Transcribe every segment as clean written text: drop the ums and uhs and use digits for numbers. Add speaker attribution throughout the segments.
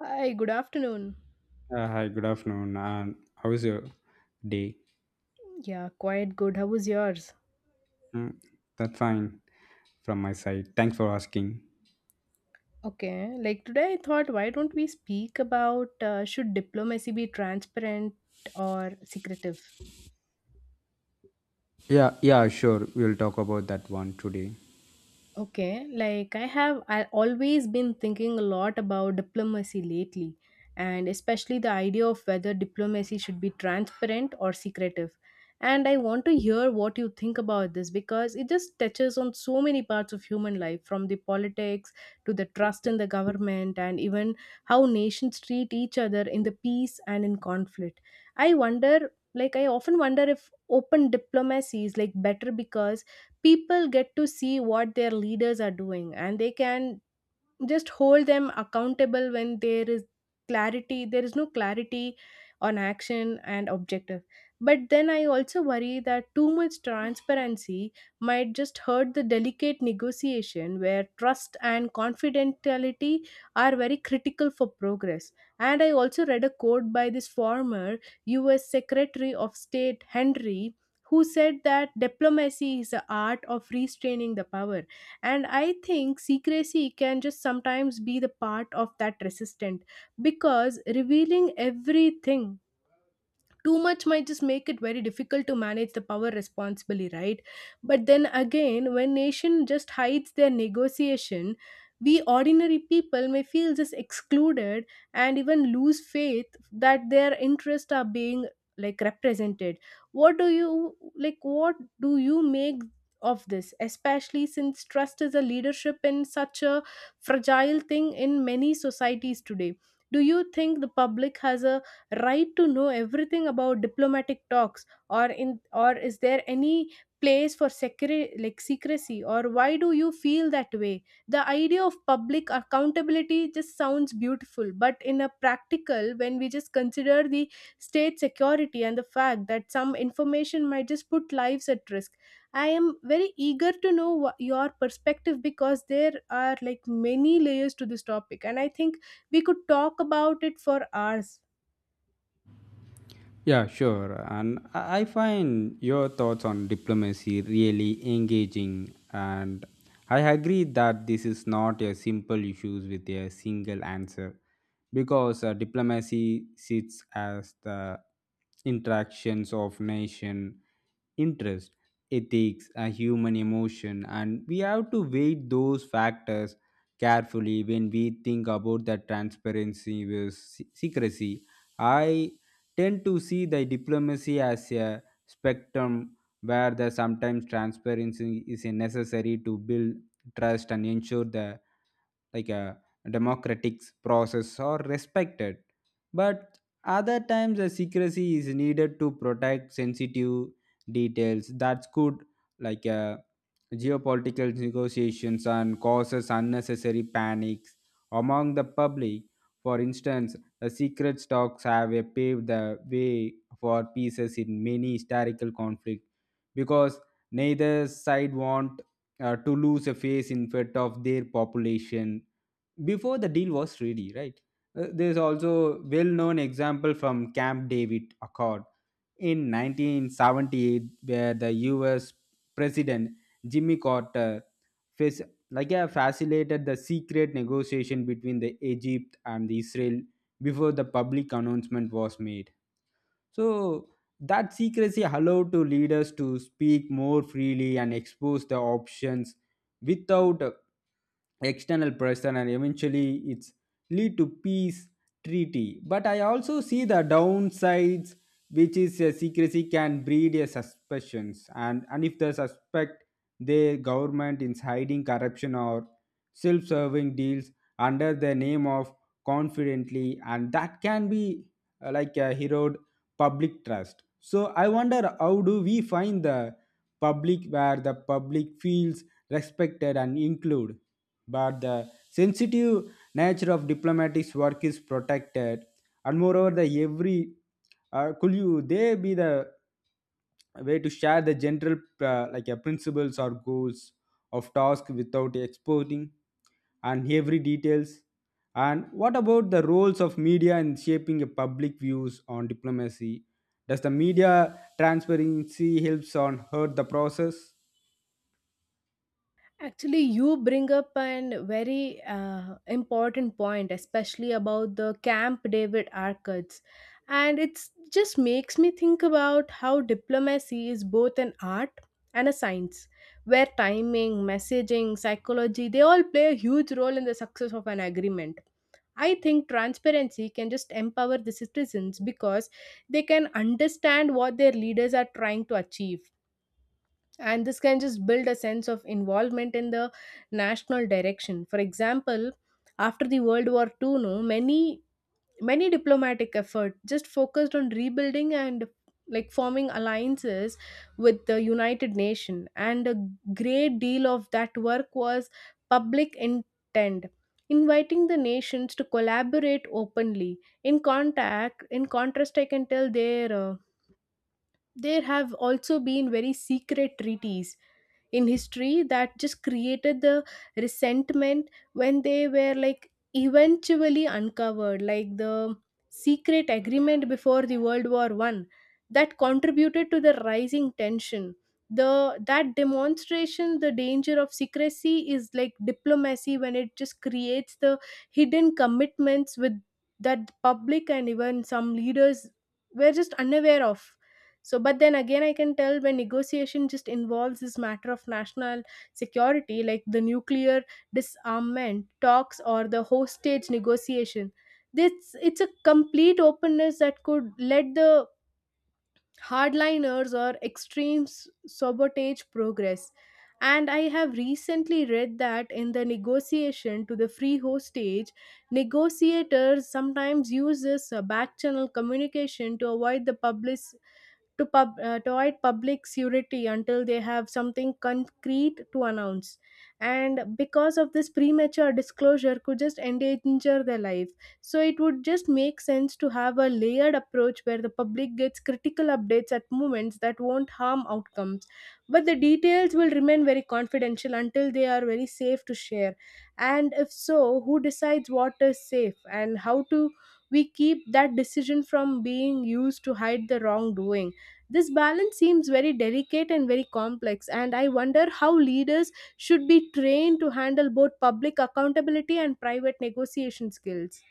Speaker 1: Hi, good afternoon.
Speaker 2: Hi, good afternoon. And how is your day?
Speaker 1: Yeah, quite good. How was yours?
Speaker 2: Mm, that's fine from my side. Thanks for asking.
Speaker 1: Okay, like today I thought, why don't we speak about should diplomacy be transparent or secretive?
Speaker 2: Yeah, yeah, sure. We'll talk about that one today.
Speaker 1: Okay, like I always been thinking a lot about diplomacy lately, and especially the idea of whether diplomacy should be transparent or secretive. And I want to hear what you think about this because it just touches on so many parts of human life, from the politics to the trust in the government, and even how nations treat each other in the peace and in conflict. I often wonder if open diplomacy is like better because people get to see what their leaders are doing, and they can just hold them accountable when there is clarity there is no clarity on action and objective. But then I also worry that too much transparency might just hurt the delicate negotiation, where trust and confidentiality are very critical for progress. And I also read a quote by this former US Secretary of State Henry, who said that diplomacy is the art of restraining the power. And I think secrecy can just sometimes be the part of that resistant, because revealing everything too much might just make it very difficult to manage the power responsibly, right? But then again, when nation just hides their negotiation, we ordinary people may feel just excluded and even lose faith that their interests are being like represented. What do you like what do you make of this, especially since trust is a leadership in such a fragile thing in many societies today. Do you think the public has a right to know everything about diplomatic talks, or in or is there any place for like secrecy, or why do you feel that way? The idea of public accountability just sounds beautiful, but in a practical, when we just consider the state security and the fact that some information might just put lives at risk, I am very eager to know your perspective, because there are like many layers to this topic, and I think we could talk about it for hours.
Speaker 2: Yeah, sure. And I find your thoughts on diplomacy really engaging. And I agree that this is not a simple issue with a single answer because diplomacy sits as the interactions of nation interest, ethics, and human emotion. And we have to weigh those factors carefully when we think about the transparency versus secrecy. I tend to see the diplomacy as a spectrum where the sometimes transparency is necessary to build trust and ensure the like a democratic process are respected, but other times the secrecy is needed to protect sensitive details that could like geopolitical negotiations and causes unnecessary panics among the public. For instance, the secret stocks have paved the way for pieces in many historical conflicts because neither side want to lose a face in front of their population before the deal was ready, right? There's also well-known example from Camp David Accord in 1978, where the U.S. President Jimmy Carter facilitated the secret negotiation between the Egypt and the Israel before the public announcement was made, so that secrecy allowed to leaders to speak more freely and expose the options without external pressure, and eventually it's lead to peace treaty. But I also see the downsides, which is secrecy can breed a suspicions, and if the suspect their government is hiding corruption or self-serving deals under the name of confidently, and that can be like a hero public trust. So I wonder how do we find the public where the public feels respected and included, but the sensitive nature of diplomatic work is protected, and moreover, the every could you they be the way to share the general like principles or goals of task without exposing and every details, and what about the roles of media in shaping a public views on diplomacy? Does the media transparency helps on hurt the process?
Speaker 1: Actually, you bring up an very important point, especially about the Camp David arcades. And it's just makes me think about how diplomacy is both an art and a science, where timing, messaging, psychology, they all play a huge role in the success of an agreement. I think transparency can just empower the citizens because they can understand what their leaders are trying to achieve, and this can just build a sense of involvement in the national direction. For example, after the World War II, no many diplomatic effort just focused on rebuilding and like forming alliances with the united nation, and a great deal of that work was public intent, inviting the nations to collaborate openly. In contrast, I can tell their there have also been very secret treaties in history that just created the resentment when they were like eventually uncovered, like the secret agreement before the world war I that contributed to the rising tension. The that demonstration, the danger of secrecy is like diplomacy when it just creates the hidden commitments with that the public and even some leaders were just unaware of. So, but then again, I can tell when negotiation just involves this matter of national security, like the nuclear disarmament talks or the hostage negotiation. This it's a complete openness that could let the hardliners or extremes sabotage progress. And I have recently read that in the negotiation to the free hostage, negotiators sometimes use this back channel communication to avoid the public to avoid public's unity until they have something concrete to announce. And because of this premature disclosure could just endanger their life. So it would just make sense to have a layered approach where the public gets critical updates at moments that won't harm outcomes. But the details will remain very confidential until they are very safe to share. And if so, who decides what is safe, and how to we keep that decision from being used to hide the wrongdoing? This balance seems very delicate and very complex, and I wonder how leaders should be trained to handle both public accountability and private negotiation skills.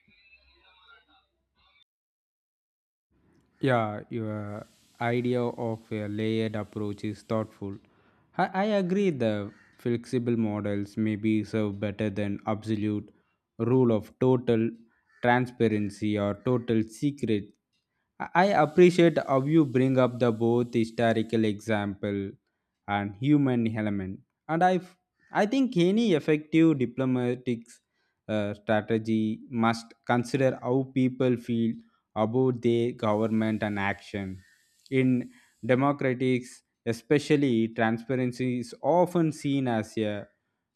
Speaker 2: Yeah, your idea of a layered approach is thoughtful. I agree the flexible models may be served better than absolute rule of total transparency or total secret. I appreciate how you bring up the both historical example and human element. And I think any effective diplomatic strategy must consider how people feel about their government and action. In democratics, especially transparency is often seen as a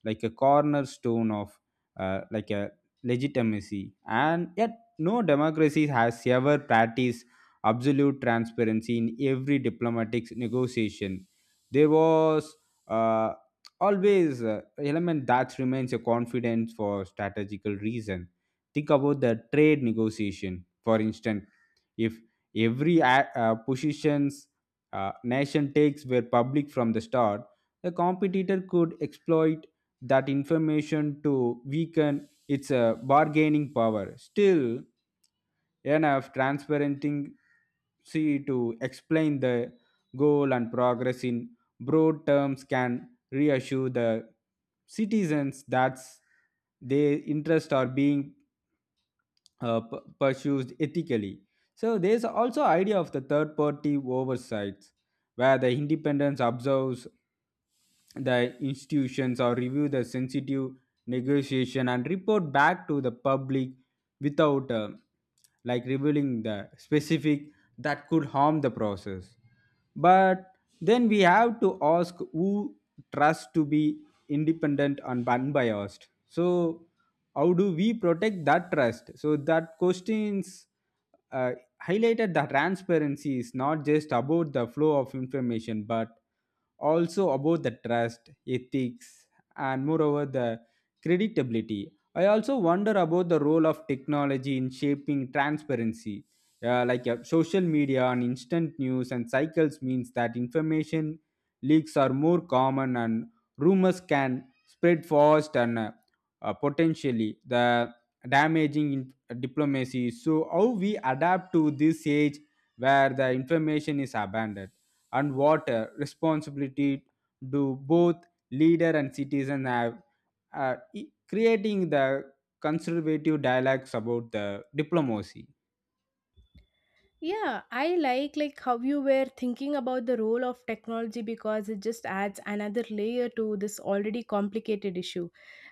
Speaker 2: like a cornerstone of like a legitimacy, and yet no democracy has ever practiced absolute transparency in every diplomatic negotiation. There was uh, always element that remains a confidence for strategical reason. Think about the trade negotiation, for instance, if every positions nation takes were public from the start, the competitor could exploit that information to weaken its bargaining power. Still enough transparency to explain the goal and progress in broad terms can reassure the citizens that their interests are being pursued ethically. So there is also idea of the third party oversights, where the independence observes the institutions or review the sensitive negotiation and report back to the public without like revealing the specific that could harm the process. But then we have to ask who trust to be independent and unbiased, so how do we protect that trust, so that questions uh, highlighted that transparency is not just about the flow of information, but also about the trust, ethics, and moreover the creditability. I also wonder about the role of technology in shaping transparency. Like social media and instant news and cycles means that information leaks are more common and rumors can spread fast, and potentially the damaging diplomacy. So, how we adapt to this age where the information is abundant, and what responsibility do both leader and citizen have, creating the conservative dialogues about the diplomacy.
Speaker 1: Yeah, I like how you were thinking about the role of technology because it just adds another layer to this already complicated issue.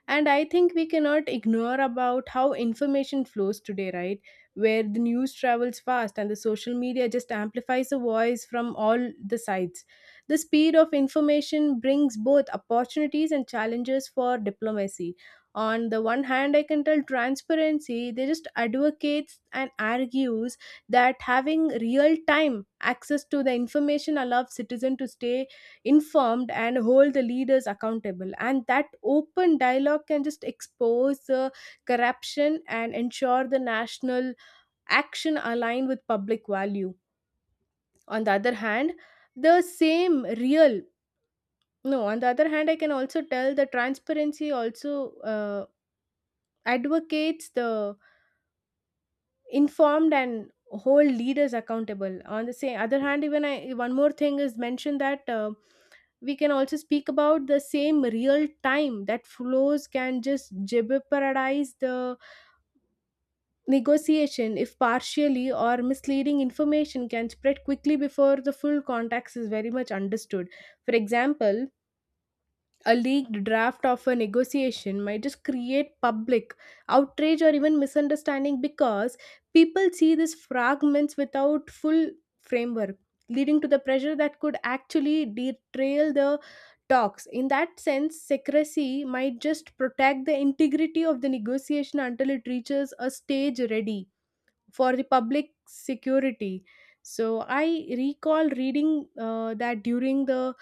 Speaker 1: And I think we cannot ignore about how information flows today, right? Where the news travels fast, and the social media just amplifies the voice from all the sides. The speed of information brings both opportunities and challenges for diplomacy. On the one hand, I can tell transparency, they just advocates and argues that having real time access to the information allows citizens to stay informed and hold the leaders accountable, and that open dialogue can just expose the corruption and ensure the national action aligned with public value. On the other hand the same real no On the other hand, I can also tell the transparency also uh, advocates the informed and hold leaders accountable on the same other hand. Even I, one more thing is mentioned that we can also speak about the same real time that flows can just jeopardize the negotiation if partially or misleading information can spread quickly before the full context is very much understood. For example, a leaked draft of a negotiation might just create public outrage or even misunderstanding, because people see these fragments without full framework, leading to the pressure that could actually derail the talks. In that sense, secrecy might just protect the integrity of the negotiation until it reaches a stage ready for the public security. So I recall reading that during the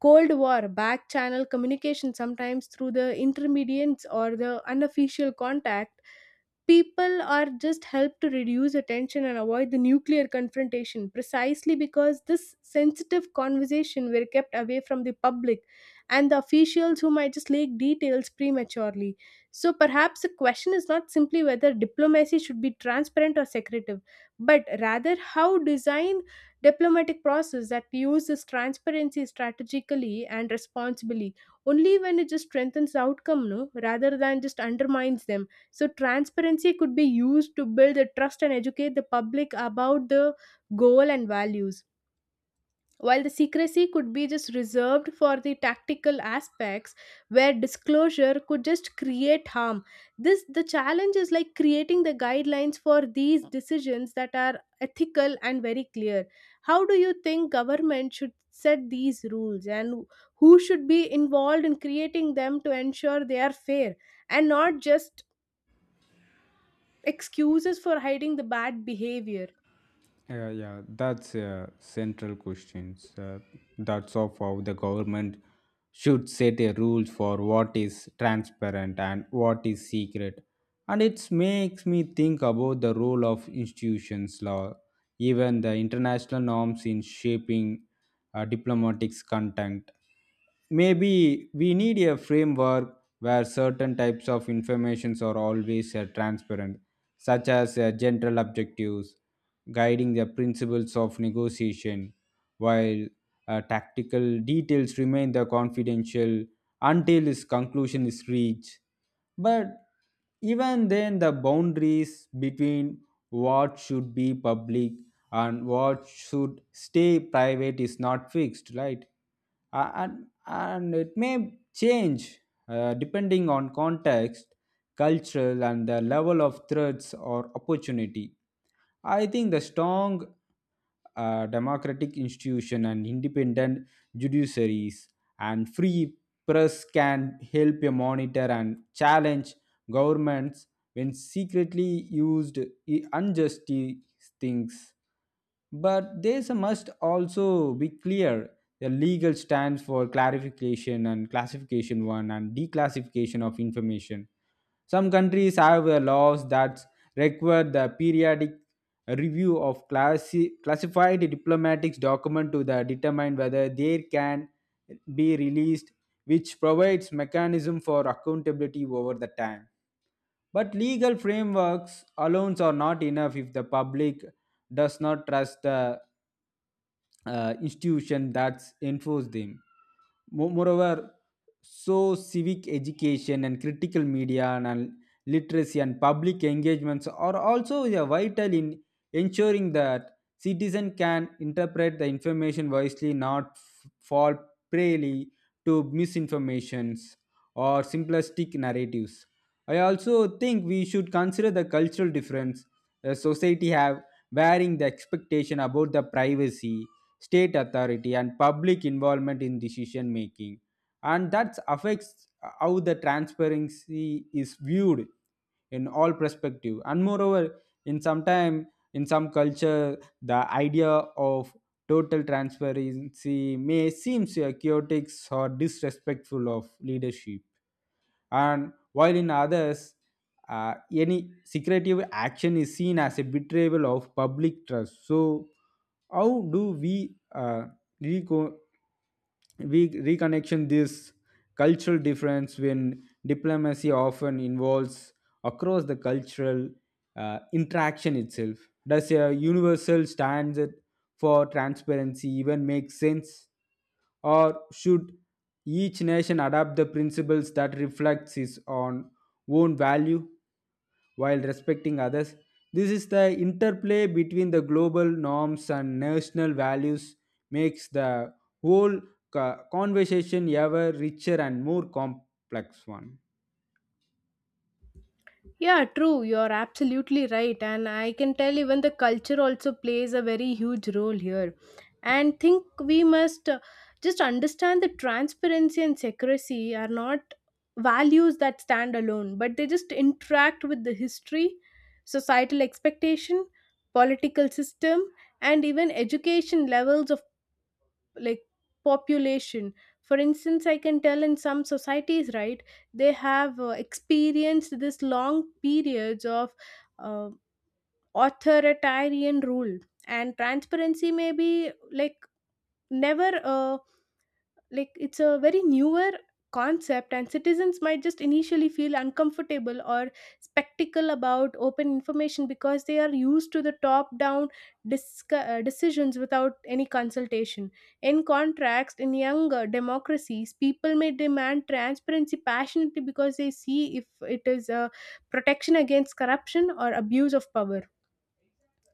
Speaker 1: cold war, back channel communication, sometimes through the intermediates or the unofficial contact, people are just helped to reduce attention and avoid the nuclear confrontation, precisely because this sensitive conversation were kept away from the public and the officials who might just leak details prematurely. So perhaps the question is not simply whether diplomacy should be transparent or secretive, but rather how design diplomatic process that uses transparency strategically and responsibly only when it just strengthens the outcome, no rather than just undermines them. So, transparency could be used to build the trust and educate the public about the goal and values. While the secrecy could be just reserved for the tactical aspects where disclosure could just create harm. This the challenge is like creating the guidelines for these decisions that are ethical and very clear. How do you think government should set these rules, and who should be involved in creating them to ensure they are fair and not just excuses for hiding the bad behavior?
Speaker 2: Yeah, yeah, that's a central question. That's of how the government should set a rules for what is transparent and what is secret. And it makes me think about the role of institutions law, even the international norms in shaping diplomatic content. Maybe we need a framework where certain types of informations are always transparent, such as general objectives guiding the principles of negotiation, while tactical details remain the confidential until its conclusion is reached. But even then the boundaries between what should be public and what should stay private is not fixed, right? A- and and it may change depending on context, cultural, and the level of threats or opportunity. I think the strong democratic institution and independent judiciaries and free press can help you monitor and challenge governments when secretly used unjust things. But this must also be clear. The legal stands for clarification and classification one and declassification of information. Some countries have laws that require the periodic review of classified diplomatic document to the determine whether they can be released, which provides mechanism for accountability over the time. But legal frameworks alone are not enough if the public does not trust the institution that enforce them. Moreover, so civic education and critical media and literacy and public engagements are also, yeah, vital in ensuring that citizen can interpret the information wisely, not fall prey to misinformations or simplistic narratives. I also think we should consider the cultural difference. A society have varying the expectation about the privacy, state authority, and public involvement in decision making, and that affects how the transparency is viewed in all perspective. And moreover, in some time, in some culture the idea of total transparency may seem chaotic or disrespectful of leadership, and while in others any secretive action is seen as a betrayal of public trust. So how do we reco- reconnection this cultural difference when diplomacy often involves across the cultural interaction itself? Does a universal standard for transparency even make sense, or should each nation adopts the principles that reflects its own value while respecting others? This is the interplay between the global norms and national values makes the whole conversation ever richer and more complex one.
Speaker 1: Yeah, true, you're absolutely right. And I can tell even the culture also plays a very huge role here. And think we must just understand that transparency and secrecy are not values that stand alone, but they just interact with the history, societal expectation, political system, and even education levels of like population. For instance, I can tell in some societies, right, they have experienced this long periods of uh, authoritarian rule, and transparency may be like never like it's a very newer concept, and citizens might just initially feel uncomfortable or spectacle about open information because they are used to the top down decisions without any consultation. In contrast, in younger democracies, people may demand transparency passionately because they see if it is a protection against corruption or abuse of power.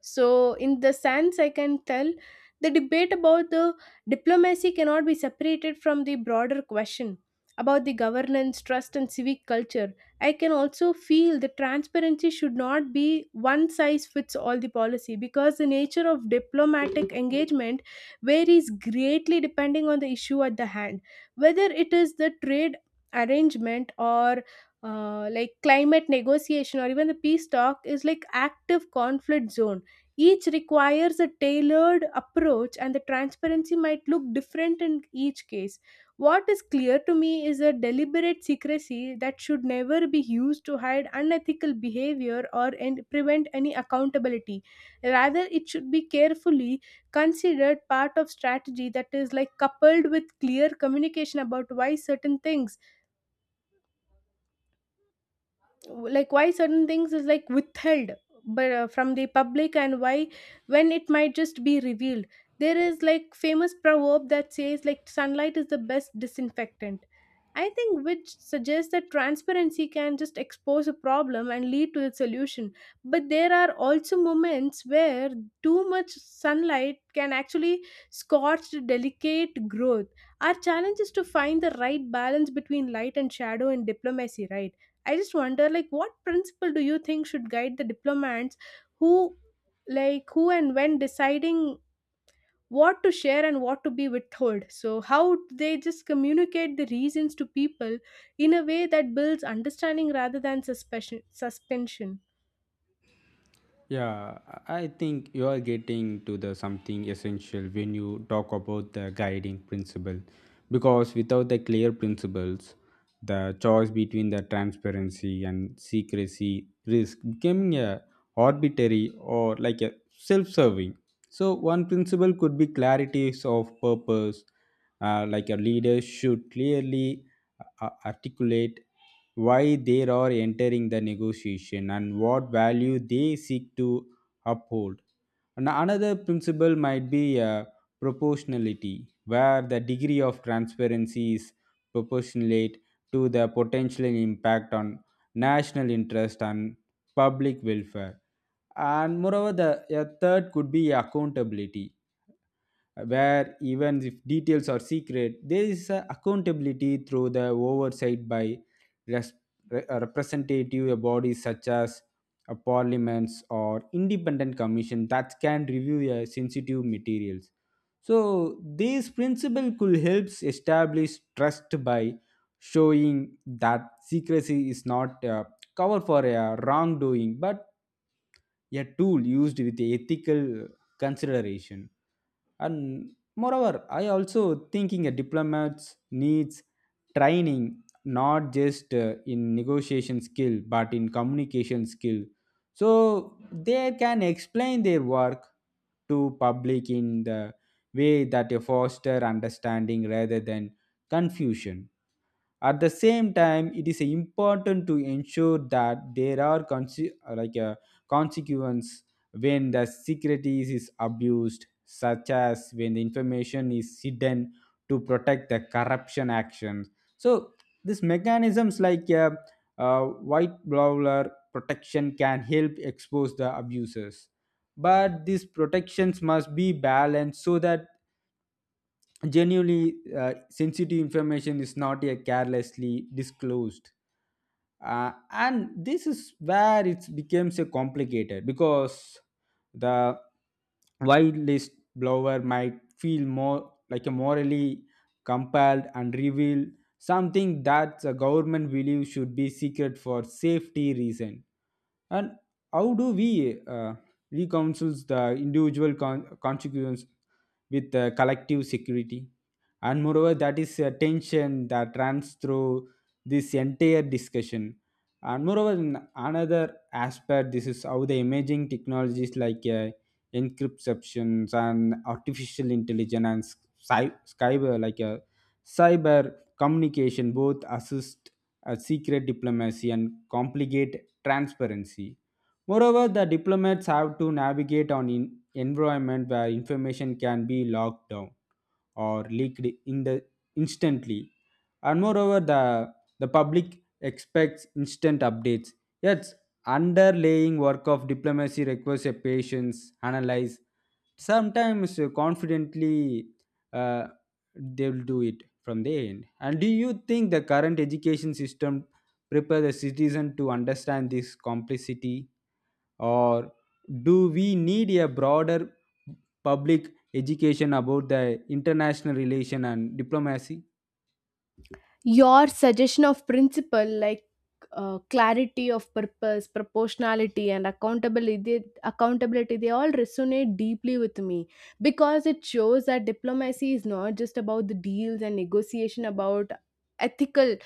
Speaker 1: So, in the sense, I can tell the debate about the diplomacy cannot be separated from the broader question about the governance, trust, and civic culture. I can also feel the transparency should not be one size fits all the policy, because the nature of diplomatic engagement varies greatly depending on the issue at the hand, whether it is the trade arrangement or like climate negotiation, or even the peace talk is like active conflict zone. Each requires a tailored approach, and the transparency might look different in each case. What is clear to me is a deliberate secrecy that should never be used to hide unethical behavior or and prevent any accountability. Rather, it should be carefully considered part of strategy that is like coupled with clear communication about why certain things is like withheld but from the public, and why when it might just be revealed. There is like famous proverb that says like sunlight is the best disinfectant, I think, which suggests that transparency can just expose a problem and lead to its solution, but there are also moments where too much sunlight can actually scorch the delicate growth. Our challenge is to find the right balance between light and shadow in diplomacy, right? I just wonder, like, what principle do you think should guide the diplomats who, like, who and when deciding what to share and what to be withheld? So, how do they just communicate the reasons to people in a way that builds understanding rather than suspicion, suspension?
Speaker 2: Yeah, I think you are getting to the something essential when you talk about the guiding principle, because without the clear principles, the choice between the transparency and secrecy risk becoming a arbitrary or like a self-serving. So one principle could be clarity of purpose, like a leader should clearly articulate why they are entering the negotiation and what value they seek to uphold. And another principle might be proportionality, where the degree of transparency is proportionate to the potential impact on national interest and public welfare. And moreover, the a third could be accountability where even if details are secret, there is a accountability through the oversight by res- representative bodies such as parliaments or independent commission that can review sensitive materials. So this principle could help establish trust by showing that secrecy is not a cover for a wrongdoing, but a tool used with ethical consideration. And moreover, I also thinking a diplomat's needs training, not just in negotiation skill but in communication skill, so they can explain their work to public in the way that a foster understanding rather than confusion. At the same time, it is important to ensure that there are like a consequence when the secret is abused, such as when the information is hidden to protect the corruption actions. So these mechanisms like a, uh white brawler protection can help expose the abusers, but these protections must be balanced so that genuinely sensitive information is not yet carelessly disclosed. And this is where it becomes a complicated, because the wildlist blower might feel more like a morally compelled and reveal something that the government believes should be secret for safety reason. And how do we reconciles the individual consequence with the collective security? And moreover, that is a tension that runs through this entire discussion. And moreover, in another aspect, this is how the emerging technologies like encryptions and artificial intelligence and sky- cyber like uh, cyber communication both assist secret diplomacy and complicate transparency. Moreover, the diplomats have to navigate on in environment where information can be locked down or leaked in the instantly. And moreover, the public expects instant updates. Yet, underlying work of diplomacy requires a patience, analyze, sometimes confidently, uh, they'll do it from the end. And do you think the current education system prepare the citizen to understand this complexity, or do we need a broader public education about the international relation and diplomacy?
Speaker 1: Your suggestion of principle like clarity of purpose, proportionality, and accountability, they all resonate deeply with me because it shows that diplomacy is not just about the deals and negotiation about ethical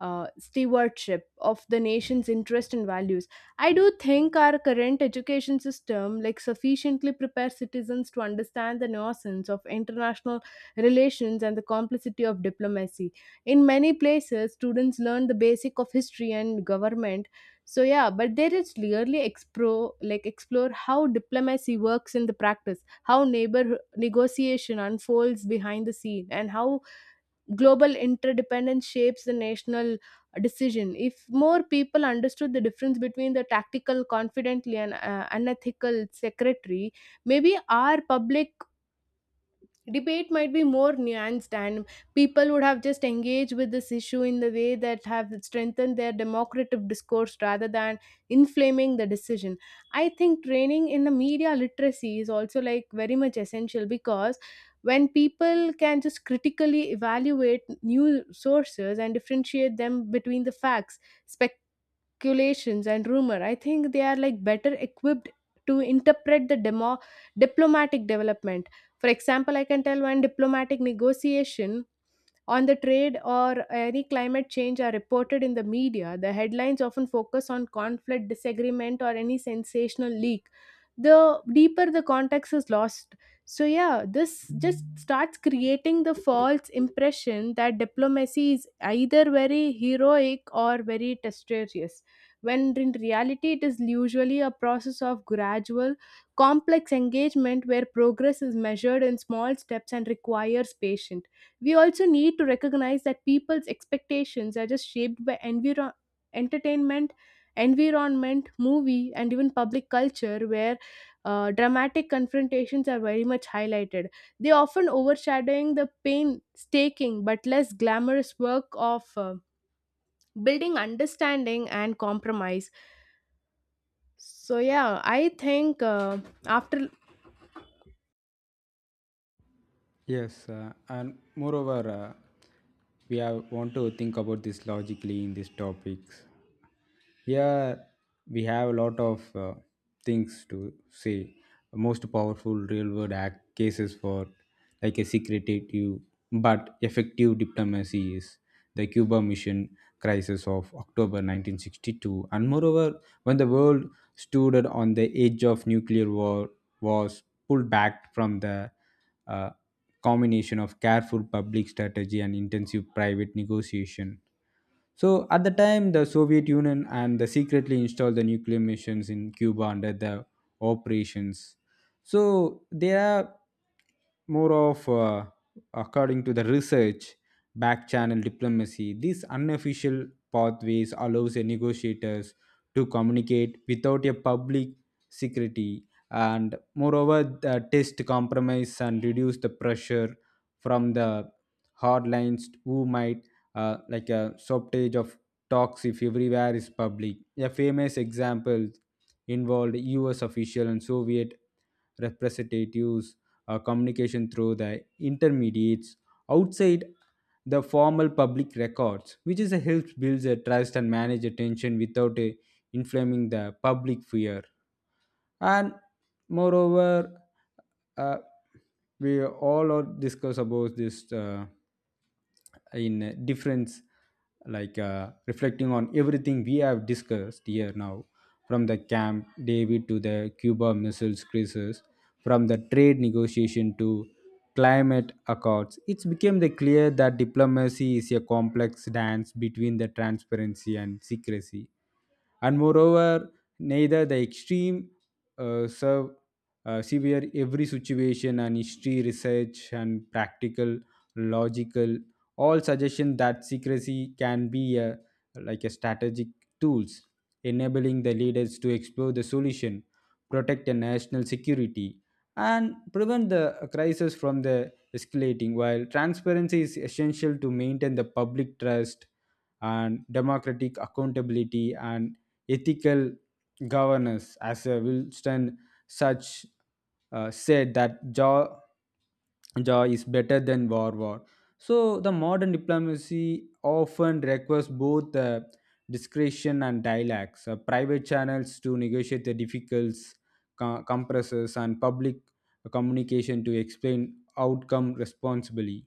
Speaker 1: stewardship of the nation's interest and values. I do think our current education system like sufficiently prepares citizens to understand the nuisance of international relations and the complexity of diplomacy. In many places students learn the basic of history and government, so yeah, but there is clearly explore like explore how diplomacy works in the practice, how neighbor negotiation unfolds behind the scene, and how global interdependence shapes the national decision. If more people understood the difference between the tactical confidently and unethical secretary, maybe our public debate might be more nuanced and people would have just engaged with this issue in the way that have strengthened their democratic discourse rather than inflaming the decision. I think training in the media literacy is also like very much essential because when people can just critically evaluate new sources and differentiate them between the facts, speculations, and rumor, I think they are like better equipped to interpret the demo diplomatic development. For example, I can tell one diplomatic negotiation on the trade or any climate change are reported in the media, the headlines often focus on conflict, disagreement, or any sensational leak. The deeper the context is lost. So, yeah, this just starts creating the false impression that diplomacy is either very heroic or very dexterous, when in reality, it is usually a process of gradual, complex engagement where progress is measured in small steps and requires patience. We also need to recognize that people's expectations are just shaped by entertainment, environment, movie, and even public culture, where dramatic confrontations are very much highlighted. They often overshadowing the painstaking but less glamorous work of building understanding and compromise. So yeah, I think after.
Speaker 2: Yes, and moreover, we have want to think about this logically in these topics. Here we have a lot of things to say. Most powerful real world act cases for like a secretive but effective diplomacy is the Cuba Mission crisis of October 1962, and moreover, when the world stood on the edge of nuclear war, was pulled back from the uh, combination of careful public strategy and intensive private negotiation. So at the time, the Soviet Union and they secretly installed the nuclear missions in Cuba under the operations. So they are more of, according to the research, back channel diplomacy. These unofficial pathways allows the negotiators to communicate without a public security, and moreover the test compromise and reduce the pressure from the hardlines who might like a shortage of talks if everywhere is public. A famous example involved U.S. official and Soviet representatives communication through the intermediates outside the formal public records, which is a helps builds a trust and manage attention without inflaming the public fear. And moreover, uh, we all are discuss about this. In difference, like reflecting on everything we have discussed here now, from the Camp David to the Cuba missiles crisis, from the trade negotiation to climate accords, it's became the clear that diplomacy is a complex dance between the transparency and secrecy. And moreover, neither the extreme serve severe every situation, and history research and practical logical all suggestion that secrecy can be a, like a strategic tools, enabling the leaders to explore the solution, protect the national security, and prevent the crisis from the escalating, while transparency is essential to maintain the public trust and democratic accountability and ethical governance. As Winston such said that jaw jaw is better than war war. So the modern diplomacy often requires both discretion and dialects. Private channels to negotiate the difficulties, compresses, and public communication to explain outcome responsibly.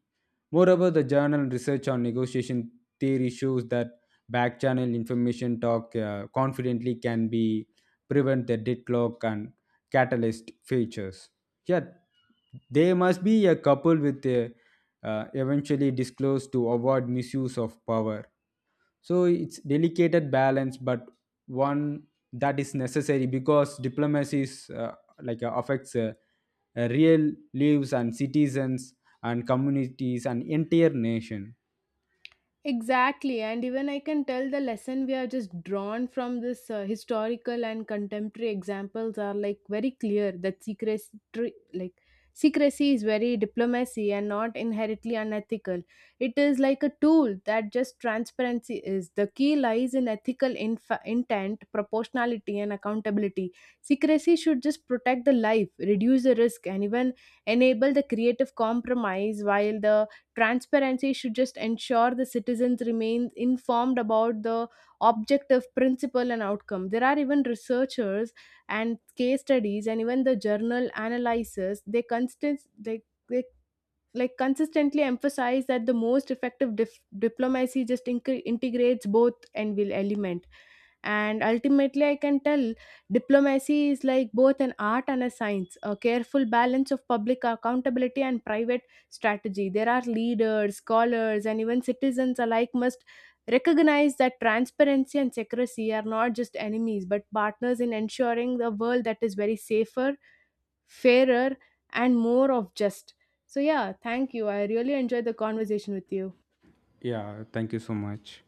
Speaker 2: Moreover, the journal research on negotiation theory shows that back channel information talk confidently can be prevent the deadlock and catalyst features. Yeah, they must be a couple with a eventually disclosed to avoid misuse of power. So it's delicate balance, but one that is necessary because diplomacy is like affects real lives and citizens and communities and entire nation.
Speaker 1: Exactly, and even I can tell the lesson we are just drawn from this historical and contemporary examples are like very clear that like secrecy is very diplomacy and not inherently unethical. It is like a tool that just transparency is. The key lies in ethical intent, proportionality, and accountability. Secrecy should just protect the life, reduce the risk, and even enable the creative compromise while the transparency should just ensure the citizens remain informed about the objective principle and outcome. There are even researchers and case studies and even the journal analysis they like consistently emphasize that the most effective diplomacy just integrates both and will element. And ultimately I can tell diplomacy is like both an art and a science, a careful balance of public accountability and private strategy. There are leaders, scholars, and even citizens alike must recognize that transparency and secrecy are not just enemies but partners in ensuring the world that is very safer, fairer, and more of just. So yeah, thank you, I really enjoyed the conversation with you.
Speaker 2: Yeah, thank you so much.